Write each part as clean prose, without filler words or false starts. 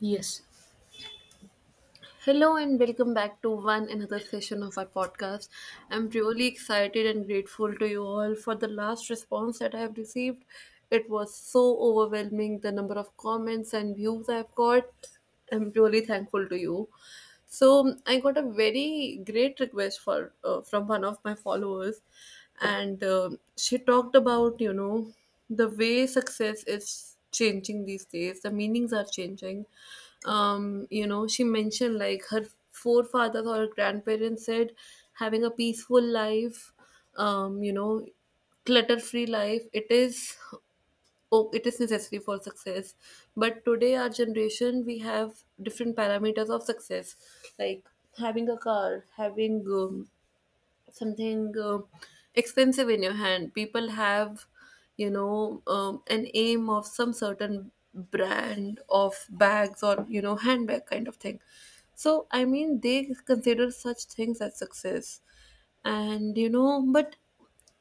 Yes, Hello and welcome back to one another session of our podcast. I'm really excited and grateful to you all for the last response that I have received. It was so overwhelming the number of comments and views I've got. I'm really thankful to you. So I got a very great request for from one of my followers, and she talked about the way success is changing these days, the meanings are changing. You know, she mentioned like her forefathers or her grandparents said having a peaceful life, um you know clutter free life, it is, oh, it is necessary for success. But today our generation, we have different parameters of success, like having a car, having something expensive in your hand. People have, an aim of some certain brand of bags or, you know, handbag kind of thing. So, I mean, they consider such things as success. And, you know, but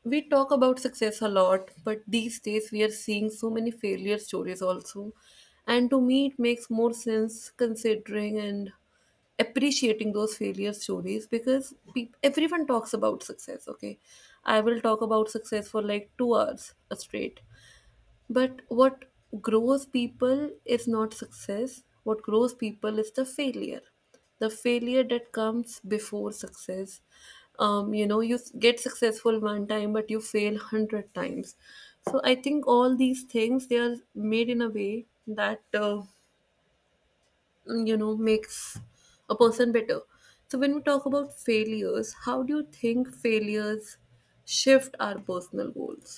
we talk about success a lot, but these days we are seeing so many failure stories also. And to me, it makes more sense considering and appreciating those failure stories because peop everyone talks about success. Okay, I will talk about success for like 2 hours straight. But what grows people is not success. What grows people is the failure, the failure that comes before success. You know, you get successful one time but you fail 100 times. So I think all these things they are made in a way that you know, makes a person better. So when we talk about failures, how do you think failures shift our personal goals?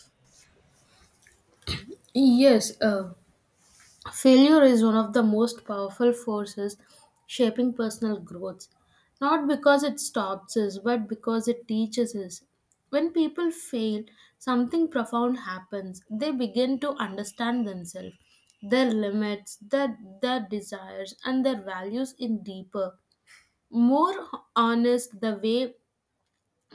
yes. Uh, Failure is one of the most powerful forces shaping personal growth. Not because it stops us, but because it teaches us. When people fail, something profound happens. They begin to understand themselves, their limits, their desires, and their values in deeper, more honest the way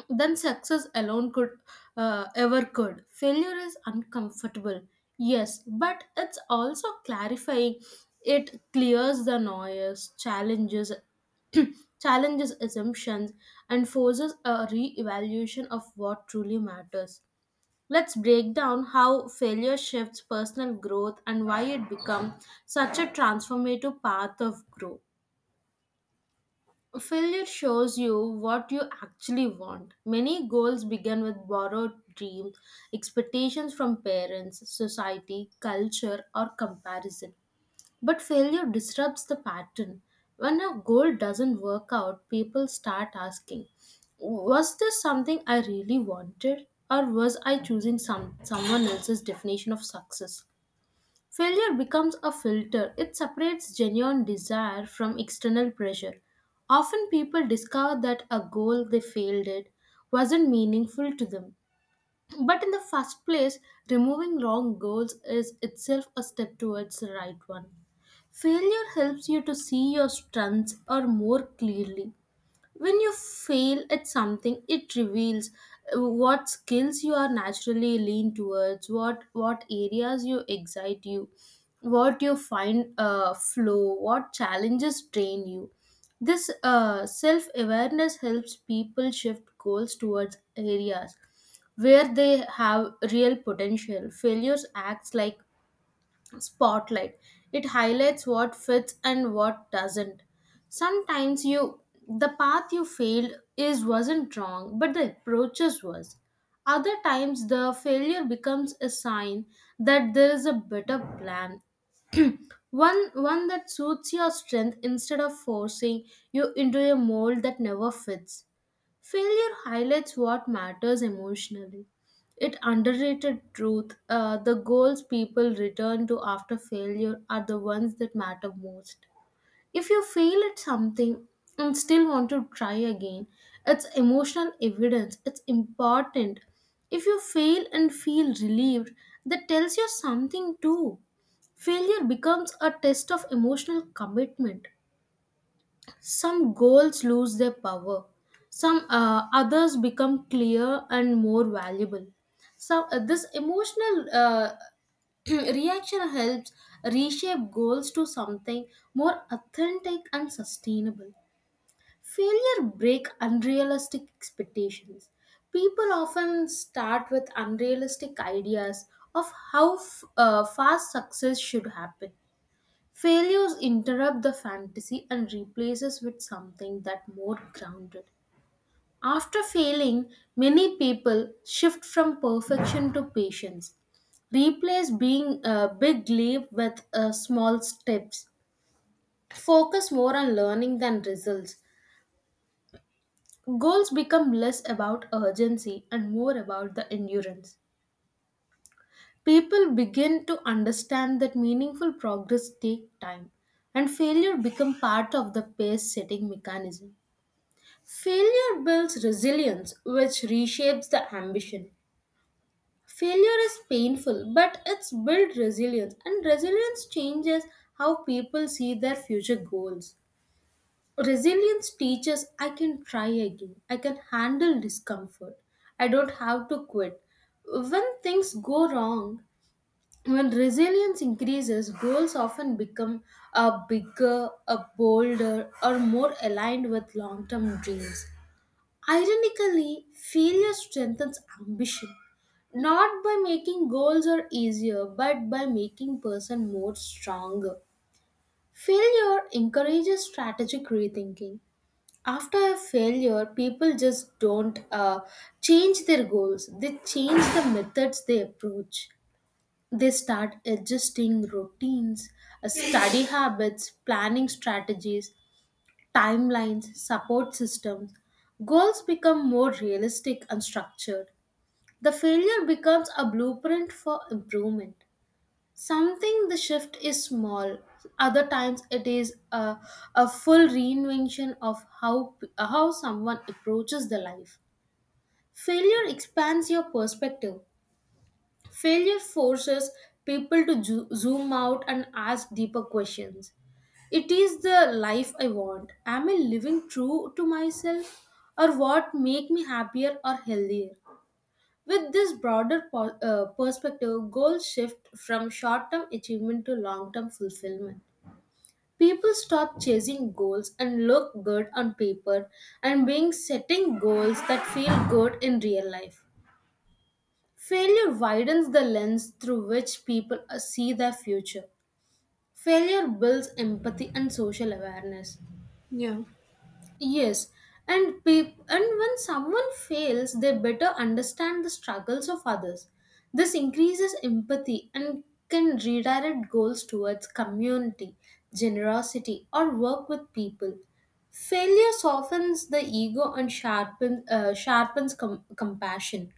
than success alone could ever could. Failure is uncomfortable, yes, but it's also clarifying. It clears the noise, challenges, challenges assumptions, and forces a re-evaluation of what truly matters. Let's break down how failure shifts personal growth and why it becomes such a transformative path of growth. Failure shows you what you actually want. Many goals begin with borrowed dreams, expectations from parents, society, culture, or comparison. But failure disrupts the pattern. When a goal doesn't work out, people start asking, was this something I really wanted? Or was I choosing someone else's definition of success? Failure becomes a filter, it separates genuine desire from external pressure. Often people discover that a goal they failed at wasn't meaningful to them. But in the first place, removing wrong goals is itself a step towards the right one. Failure helps you to see your strengths or more clearly. When you fail at something, it reveals what skills you are naturally lean towards, what areas you excite you, what you find flow, what challenges train you. This self awareness helps people shift goals towards areas where they have real potential. Failures acts like spotlight. It highlights what fits and what doesn't. Sometimes you the path you failed is wasn't wrong, but the approaches was. Other times the failure becomes a sign that there is a better plan. One that suits your strength instead of forcing you into a mold that never fits. Failure highlights what matters emotionally. It underrated truth. The goals people return to after failure are the ones that matter most. If you fail at something and still want to try again, it's emotional evidence. It's important. If you fail and feel relieved, that tells you something too. Failure becomes a test of emotional commitment. Some goals lose their power. Some others become clear and more valuable. So this emotional reaction helps reshape goals to something more authentic and sustainable. Failure break unrealistic expectations. People often start with unrealistic ideas of how fast success should happen. Failures interrupt the fantasy and replaces with something that more grounded. After failing, many people shift from perfection to patience. Replace being a big leap with small steps. Focus more on learning than results. Goals become less about urgency and more about the endurance. People begin to understand that meaningful progress take time and failure become part of the pace setting mechanism. Failure builds resilience, which reshapes the ambition. Failure is painful, but it's built resilience, and resilience changes how people see their future goals. Resilience teaches I can try again, I can handle discomfort, I don't have to quit. When things go wrong, when resilience increases, goals often become a bigger, a bolder, or more aligned with long term dreams. Ironically, failure strengthens ambition, not by making goals are easier, but by making person more stronger. Failure encourages strategic rethinking. After a failure, people just don't change their goals. They change the methods they approach. They start adjusting routines, study habits, planning strategies timelines, support systems, goals become more realistic and structured. The failure becomes a blueprint for improvement. Something the shift is small, other times it is a full reinvention of how someone approaches the life. Failure expands your perspective. Failure forces people to zoom out and ask deeper questions. It is the life I want. Am I living true to myself or what make me happier or healthier? With this broader perspective, goals shift from short-term achievement to long-term fulfillment. People stop chasing goals and look good on paper and being setting goals that feel good in real life. Failure widens the lens through which people see their future. Failure builds empathy and social awareness. Yeah. Yes, and and when someone fails, they better understand the struggles of others. This increases empathy and can redirect goals towards community, generosity, or work with people. Failure softens the ego and sharpens, sharpens compassion.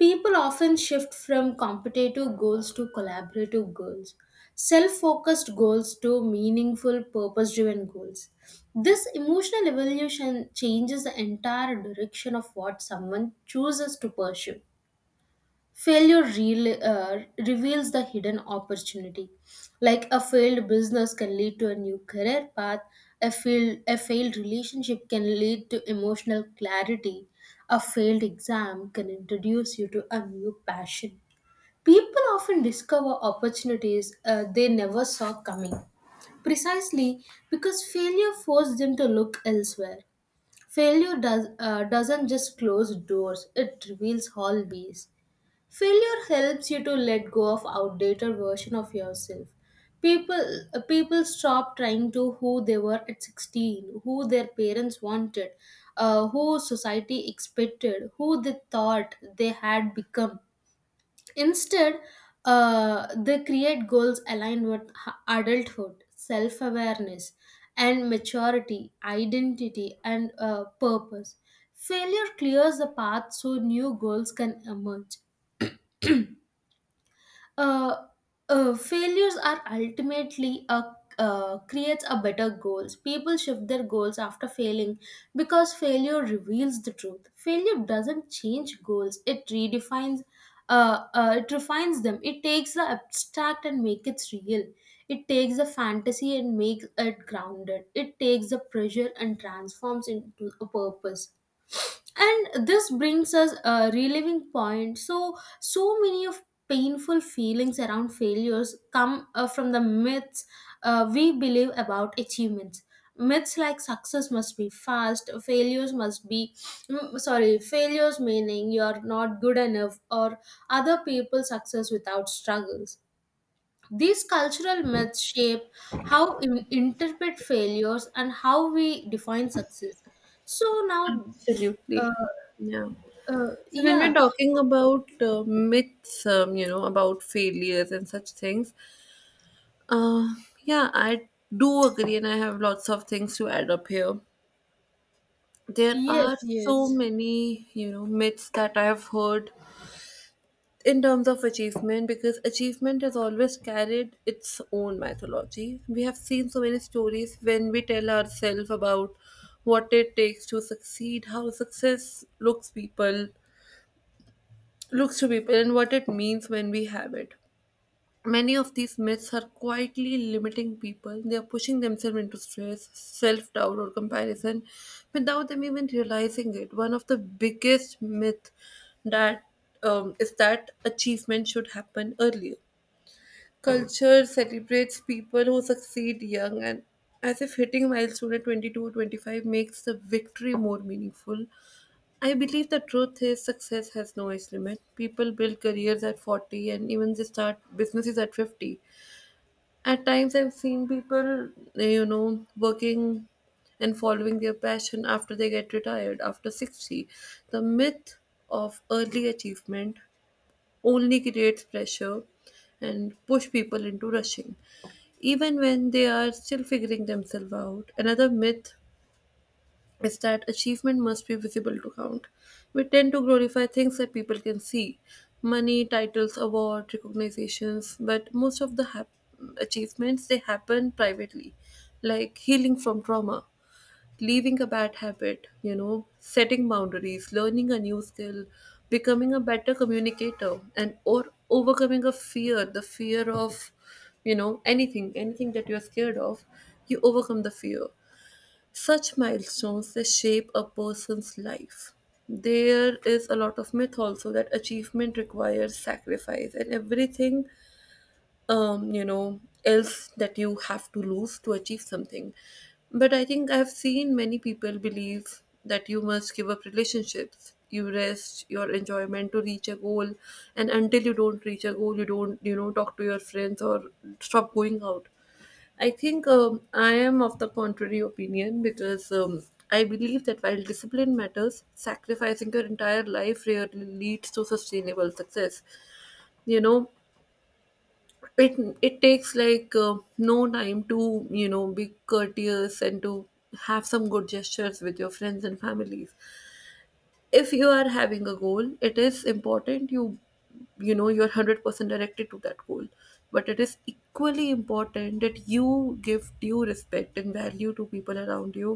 People often shift from competitive goals to collaborative goals, self focused goals to meaningful, purpose driven goals. This emotional evolution changes the entire direction of what someone chooses to pursue. Failure reveals the hidden opportunity. Like a failed business can lead to a new career path, a failed relationship can lead to emotional clarity, a failed exam can introduce you to a new passion. People often discover opportunities they never saw coming precisely because failure forced them to look elsewhere. Failure doesn't just close doors, it reveals hallways. Failure helps you to let go of outdated version of yourself. People People stop trying to who they were at 16, who their parents wanted, who society expected, who they thought they had become. Instead, they create goals aligned with adulthood, self-awareness, and maturity, identity, and purpose. Failure clears the path so new goals can emerge. uh, Failures are ultimately a creates a better goals. People shift their goals after failing because failure reveals the truth. Failure doesn't change goals, it redefines, it refines them. It takes the abstract and make it real, it takes the fantasy and makes it grounded, it takes the pressure and transforms into a purpose. And this brings us a reliving point. So so many of painful feelings around failures come from the myths we believe about achievements. Myths like success must be fast, failures must be sorry, failures meaning you're not good enough, or other people's success without struggles. These cultural myths shape how we interpret failures and how we define success. So now Absolutely. uh, Yeah. uh, So when we're yeah, talking about myths, you know, about failures and such things, uh, yeah, I do agree and I have lots of things to add up here. There yes, are so yes, many, you know, myths that I have heard in terms of achievement because achievement has always carried its own mythology. We have seen so many stories when we tell ourselves about what it takes to succeed, how success looks people looks to people and what it means when we have it. Many of these myths are quietly limiting people. They are pushing themselves into stress, self doubt, or comparison without them even realizing it. One of the biggest myths that is that achievement should happen earlier. Culture celebrates people who succeed young, and as if hitting milestone at 22 or 25 makes the victory more meaningful. I believe the truth is success has no age limit. People build careers at 40 and even they start businesses at 50. At times, I've seen people, you know, working and following their passion after they get retired, after 60. The myth of early achievement only creates pressure and push people into rushing even when they are still figuring themselves out. Another myth is that achievement must be visible to count. We tend to glorify things that people can see, money, titles, award, recognitions, but most of the achievements they happen privately, like healing from trauma, leaving a bad habit, you know, setting boundaries, learning a new skill, becoming a better communicator and or overcoming a fear, the fear of, you know, anything, anything that you're scared of, you overcome the fear. Such milestones they shape a person's life. There is a lot of myth also that achievement requires sacrifice and everything, you know, else that you have to lose to achieve something. But I think I've seen many people believe that you must give up relationships, you rest your enjoyment to reach a goal, and until you don't reach a goal, you don't, you know, talk to your friends or stop going out. I think I am of the contrary opinion because I believe that while discipline matters, sacrificing your entire life rarely leads to sustainable success. You know, it it takes like no time to, you know, be courteous and to have some good gestures with your friends and families. If you are having a goal, it is important you, you know, you're 100% directed to that goal, but it is equally important that you give due respect and value to people around you.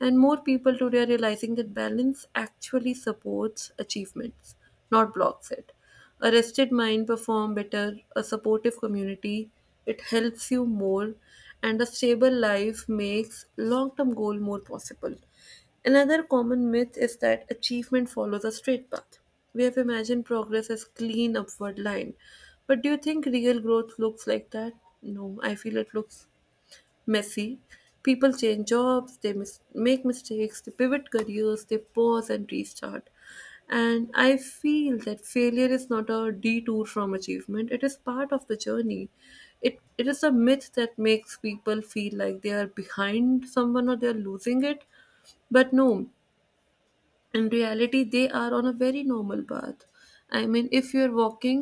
And more people today are realizing that balance actually supports achievements, not blocks it. A rested mind perform better, a supportive community, it helps you more, and a stable life makes long term goal more possible. Another common myth is that achievement follows a straight path. We have imagined progress as clean upward line. But do you think real growth looks like that? No, I feel it looks messy. People change jobs, they make mistakes, they pivot careers, they pause and restart. And I feel that failure is not a detour from achievement, it is part of the journey. It is a myth that makes people feel like they are behind someone or they are losing it. But no, in reality they are on a very normal path. I mean, if you're walking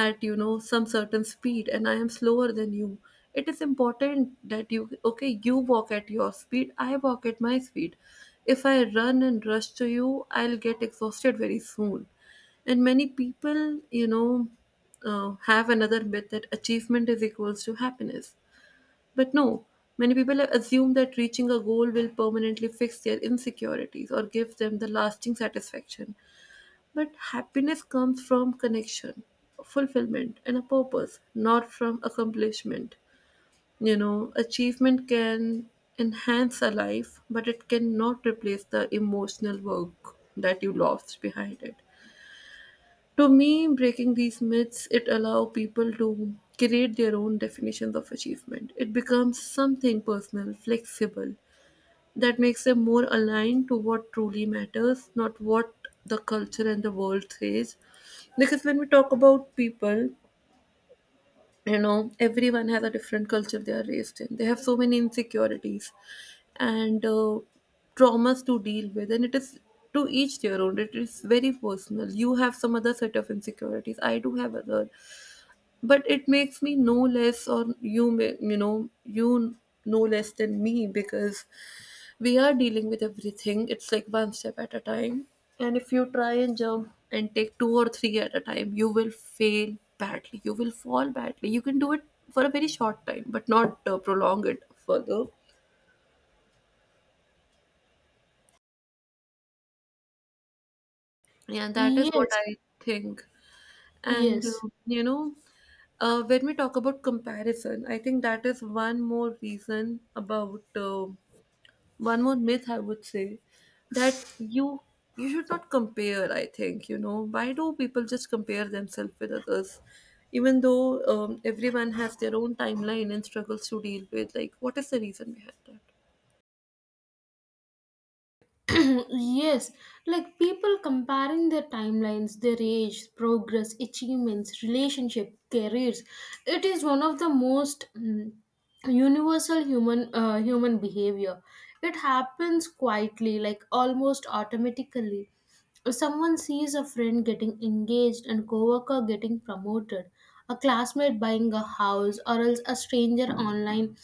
at, you know, some certain speed and I am slower than you, it is important that you, okay, you walk at your speed, I walk at my speed. If I run and rush to you, I'll get exhausted very soon. And many people, you know, have another myth that achievement is equals to happiness. But no, many people assume that reaching a goal will permanently fix their insecurities or give them the lasting satisfaction. But happiness comes from connection, fulfillment, and a purpose, not from accomplishment. You know, achievement can enhance a life, but it cannot replace the emotional work that you lost behind it. To me, breaking these myths, it allow people to create their own definitions of achievement. It becomes something personal, flexible, that makes them more aligned to what truly matters, not what the culture and the world says. Because when we talk about people, you know, everyone has a different culture they are raised in, they have so many insecurities and traumas to deal with, and it is to each their own, it is very personal. You have some other set of insecurities, I do have other, but it makes me no less, or you may, you know, you no less than me because we are dealing with everything. It's like one step at a time, and if you try and jump and take two or three at a time you will fail badly, you will fall badly. You can do it for a very short time but not prolong it further. And that is what yes, I think. And yes, you know, when we talk about comparison, I think that is one more reason about one more myth I would say, that you should not compare. I think, you know, why do people just compare themselves with others even though everyone has their own timeline and struggles to deal with? Like, what is the reason behind that? yes. Like people comparing their timelines, their age, progress, achievements, relationship, careers. It is one of the most universal human behavior. It happens quietly, like almost automatically. If someone sees a friend getting engaged and coworker getting promoted, a classmate buying a house, or else a stranger online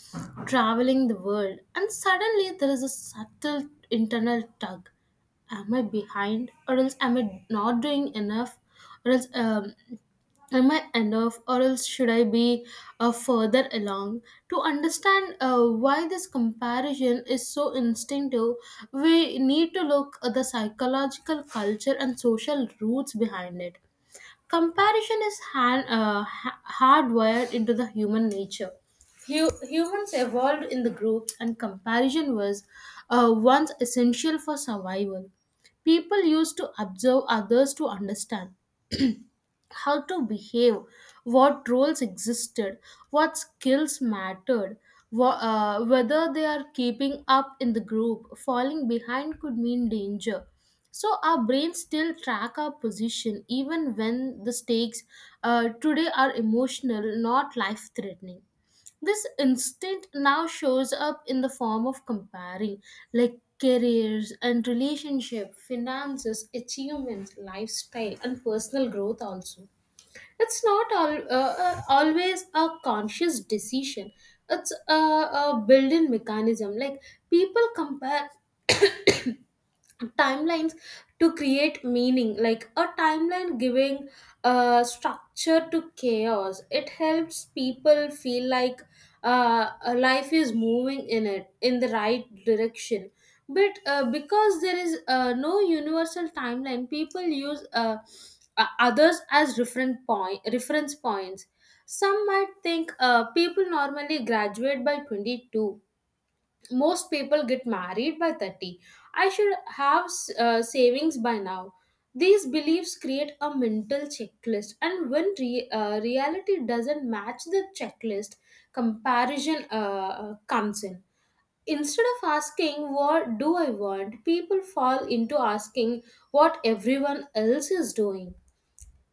traveling the world, and suddenly there is a subtle internal tug. Am I behind? Or else am I not doing enough? Or else Am I enough, or else should I be further along? To understand why this comparison is so instinctive, we need to look at the psychological culture and social roots behind it. Comparison is hardwired into the human nature. Humans evolved in the groups, and comparison was once essential for survival. People used to observe others to understand how to behave, what roles existed, what skills mattered, whether they are keeping up in the group. Falling behind could mean danger. So our brains still track our position even when the stakes today are emotional, not life threatening. This instinct now shows up in the form of comparing, like careers and relationship, finances, achievements, lifestyle, and personal growth also. It's not always a conscious decision, it's a built-in mechanism. Like people compare timelines to create meaning, like a timeline giving structure to chaos, it helps people feel like a life is moving in it in the right direction. But because there is no universal timeline, people use others as different point reference points. Some might think people normally graduate by 22, most people get married by 30, I should have savings by now. These beliefs create a mental checklist, and when reality doesn't match the checklist, comparison comes in. Instead of asking what do I want, people fall into asking what everyone else is doing.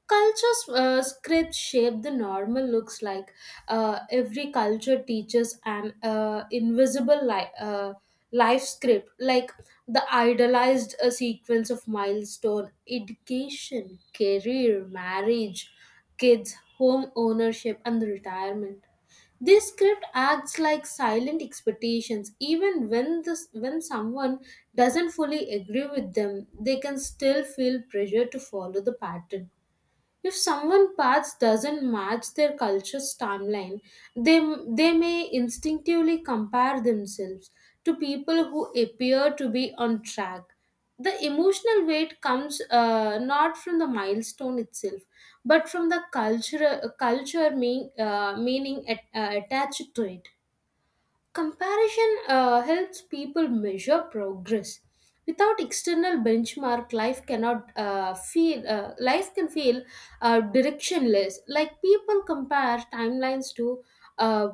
Cultures scripts shape the normal looks like. Every culture teaches an invisible life script, like the idealized sequence of milestone education career marriage kids home ownership and retirement. This script acts like silent expectations, even when this when someone doesn't fully agree with them, they can still feel pressure to follow the pattern. If someone's path doesn't match their culture's timeline, they, they may instinctively compare themselves to people who appear to be on track. The emotional weight comes not from the milestone itself, but from the culture, meaning attached to it. Comparison helps people measure progress. Without external benchmark, life cannot feel life can feel directionless. Like people compare timelines to uh,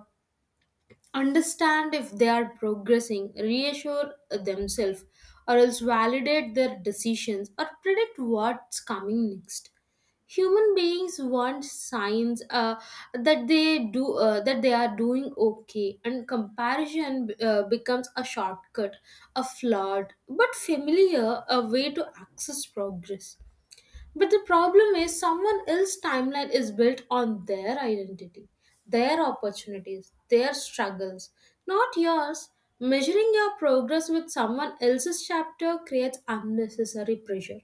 understand if they are progressing, reassure themselves, or else validate their decisions or predict what's coming next. Human beings want signs that they are doing okay, and comparison becomes a shortcut, a flawed but familiar a way to access progress. But the problem is, someone else's timeline is built on their identity, their opportunities, their struggles, not yours. Measuring your progress with someone else's chapter creates unnecessary pressure.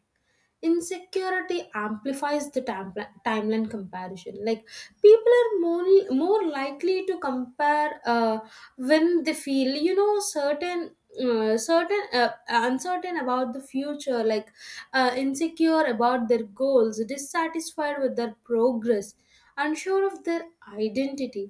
Insecurity amplifies the timeline comparison. Like people are more, more likely to compare when they feel you know certain uncertain about the future, like insecure about their goals, dissatisfied with their progress, unsure of their identity,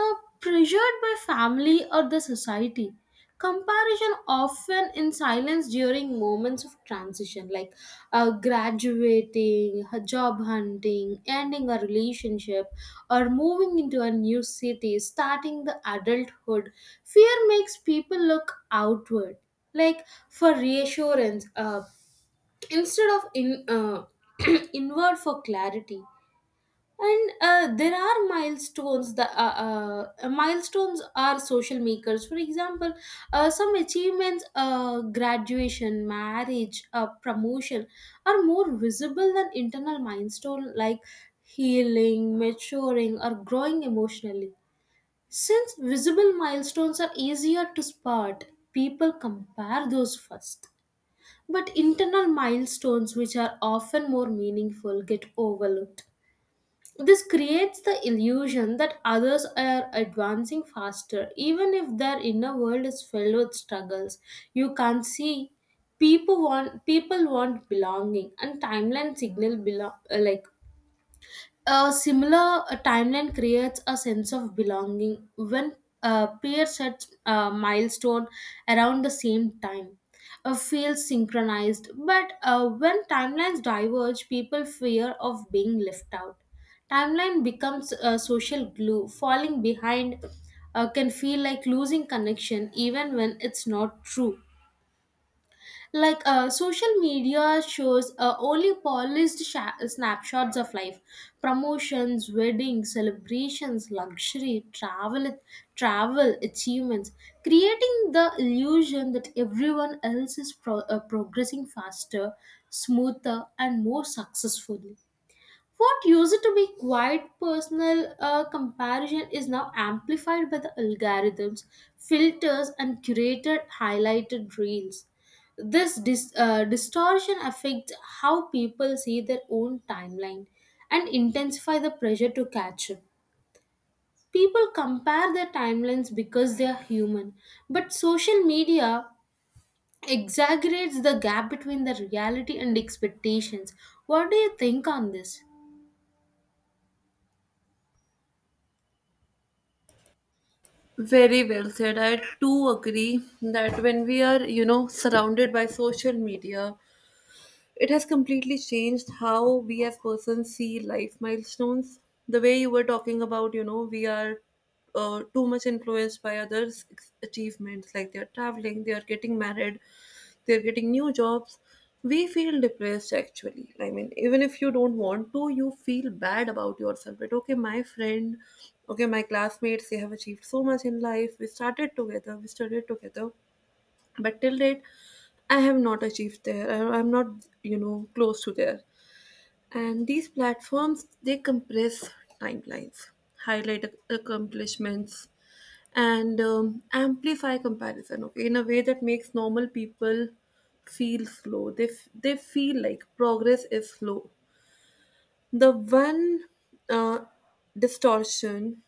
uh, pressured by family or the society. Comparison often in silence during moments of transition, like graduating, job hunting, ending a relationship, or moving into a new city, starting the adulthood. Fear makes people look outward, like for reassurance, instead of in inward for clarity. And there are milestones. The milestones are social makers, for example some achievements graduation marriage promotion are more visible than internal milestone, like healing maturing or growing emotionally. Since visible milestones are easier to spot, people compare those first, but internal milestones which are often more meaningful get overlooked. This creates the illusion that others are advancing faster, even if their inner world is filled with struggles. You can't see. People want belonging, and timeline signal like a similar timeline creates a sense of belonging when peers set a milestone around the same time. Feels synchronized, but when timelines diverge, people fear of being left out. Timeline becomes a social glue. Falling behind can feel like losing connection, even when it's not true. Like social media shows only polished snapshots of life, promotions weddings celebrations luxury travel achievements, creating the illusion that everyone else is progressing faster, smoother and more successfully. What used to be quite personal comparison is now amplified by the algorithms, filters, and curated highlighted reels. This distortion affects how people see their own timeline and intensify the pressure to catch up. People compare their timelines because they are human, but social media exaggerates the gap between the reality and expectations. What do you think on this? Very well said. I too agree that when we are, you know, surrounded by social media, it has completely changed how we as persons see life milestones. The way you were talking about, you know, we are too much influenced by others' achievements, like they're traveling, they're getting married, they're getting new jobs. We feel depressed actually. I mean, even if you don't want to, you feel bad about yourself. But okay, my friend, okay, my classmates, they have achieved so much in life. We started together, we studied together, but till date I have not achieved there, I'm not, you know, close to there. And these platforms they compress timelines, highlight accomplishments, and amplify comparison, okay, in a way that makes normal people feel slow. They, they feel like progress is slow. The one uh, distortion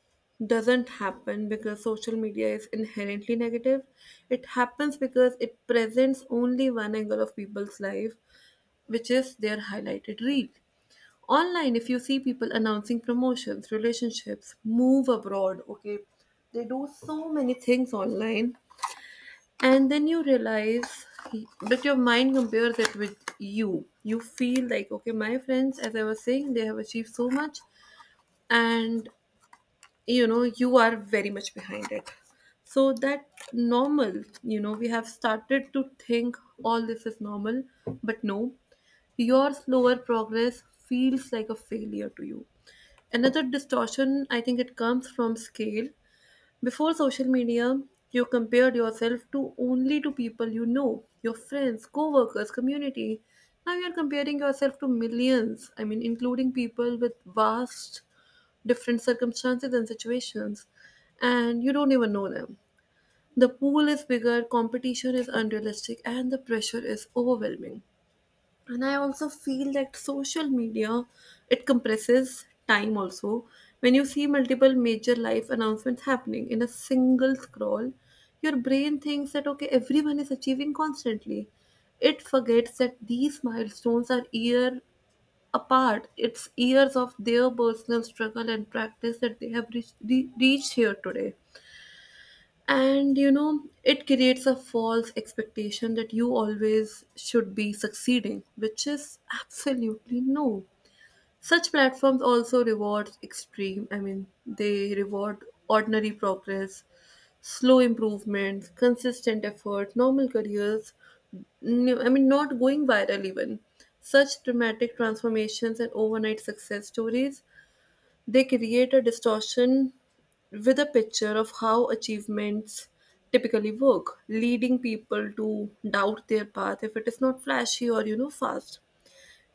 doesn't happen because social media is inherently negative. It happens because it presents only one angle of people's life, which is their highlighted reel. Online, if you see people announcing promotions, relationships, move abroad, okay, they do so many things online, and then you realize, but your mind compares it with you, you feel like, okay, my friends, as I was saying, they have achieved so much, and you know, you are very much behind it. So that normal, you know, we have started to think all this is normal, but no, your slower progress feels like a failure to you. Another distortion I think it comes from scale. Before social media, you compared yourself to only to people you know, your friends, co-workers, community. Now you're comparing yourself to millions, I mean including people with vast different circumstances and situations, and you don't even know them. The pool is bigger, competition is unrealistic and the pressure is overwhelming. And I also feel that social media, it compresses time also. When you see multiple major life announcements happening in a single scroll, your brain thinks that okay, everyone is achieving constantly. It forgets that these milestones are year apart. It's years of their personal struggle and practice that they have reached here today. And it creates a false expectation that you always should be succeeding, which is absolutely no. Such platforms also reward extreme, I mean they reward ordinary progress, slow improvements, consistent effort, normal careers, I mean, not going viral even. Such dramatic transformations and overnight success stories, they create a distortion with a picture of how achievements typically work, leading people to doubt their path if it is not flashy, or fast.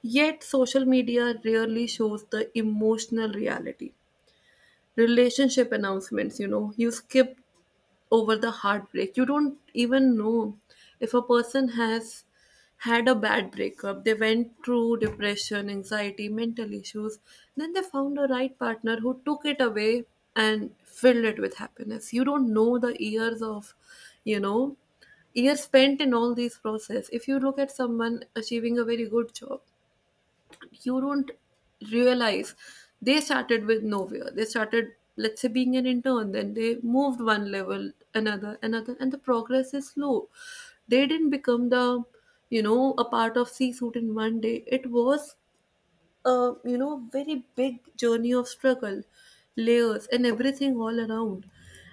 Yet, social media rarely shows the emotional reality. Relationship announcements you skip over the heartbreak. You don't even know if a person has had a bad breakup. They went through depression, anxiety, mental issues. Then they found a right partner who took it away and filled it with happiness. You don't know the years of, you know, years spent in all these process. If you look at someone achieving a very good job, you don't realize they started with nowhere, they started, let's say, being an intern, then they moved one level another and the progress is slow. They didn't become the, a part of c suit in one day. It was a, very big journey of struggle, layers and everything all around.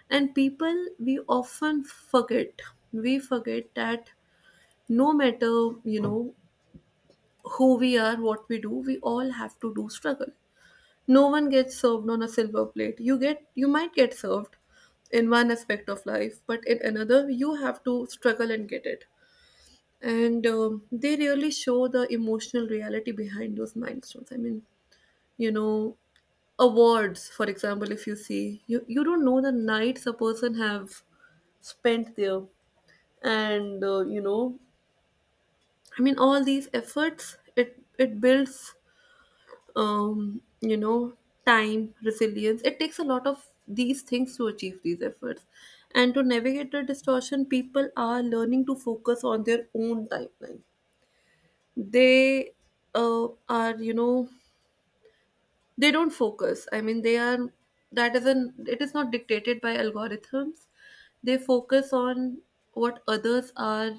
And people, we often forget, we forget that no matter, you know who we are, what we do, we all have to do struggle. No one gets served on a silver plate. You might get served in one aspect of life, but in another you have to struggle and get it. And they really show the emotional reality behind those milestones. I mean, you know, awards, for example, if you see, you don't know the nights a person have spent there, and I mean, all these efforts, it builds, um, you know, time, resilience. It takes a lot of these things to achieve these efforts. And to navigate the distortion, people are learning to focus on their own timeline. They are, they don't focus, I mean they are, that isn't it is not dictated by algorithms. They focus on what others are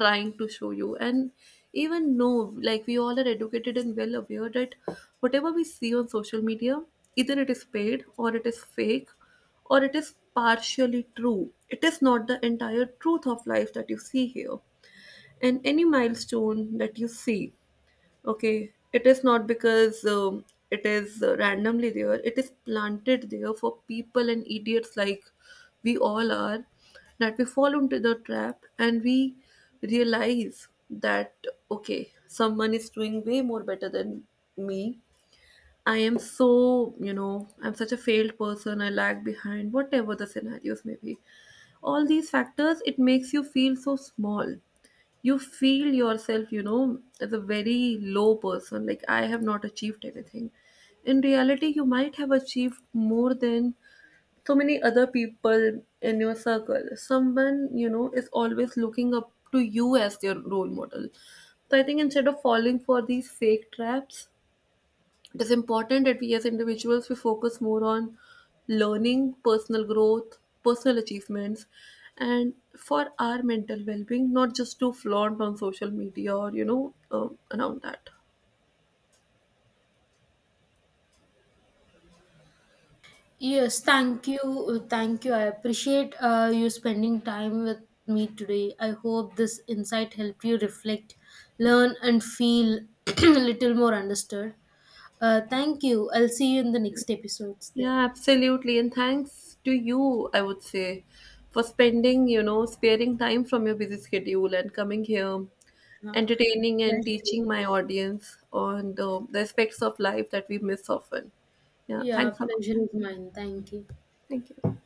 trying to show you, and even know, like, we all are educated and well aware that whatever we see on social media, either it is paid or it is fake, or it is partially true, it is not the entire truth of life that you see here. And any milestone that you see, okay, it is not because it is randomly there. It is planted there for people and idiots like we all are, that we fall into the trap and we realize that okay, someone is doing way more better than me. I am so, I'm such a failed person, I lag behind, whatever the scenarios may be. All these factors, it makes you feel so small, you feel yourself, as a very low person, like I have not achieved anything. In reality, you might have achieved more than so many other people in your circle. Someone is always looking up to you as their role model. So I think, instead of falling for these fake traps, it is important that we as individuals, we focus more on learning, personal growth, personal achievements, and for our mental well-being, not just to flaunt on social media or around that. Yes, thank you. Thank you. I appreciate you spending time with me today. I hope this insight helped you reflect, learn, and feel a little more understood. Thank you. I'll see you in the next episodes then. Yeah, absolutely, and thanks to you, I would say, for spending sparing time from your busy schedule and coming here, Yeah, entertaining and pleasure. teaching my audience on the aspects of life that we miss often. Yeah, Yeah, thanks a lot. pleasure is mine. Thank you. Thank you.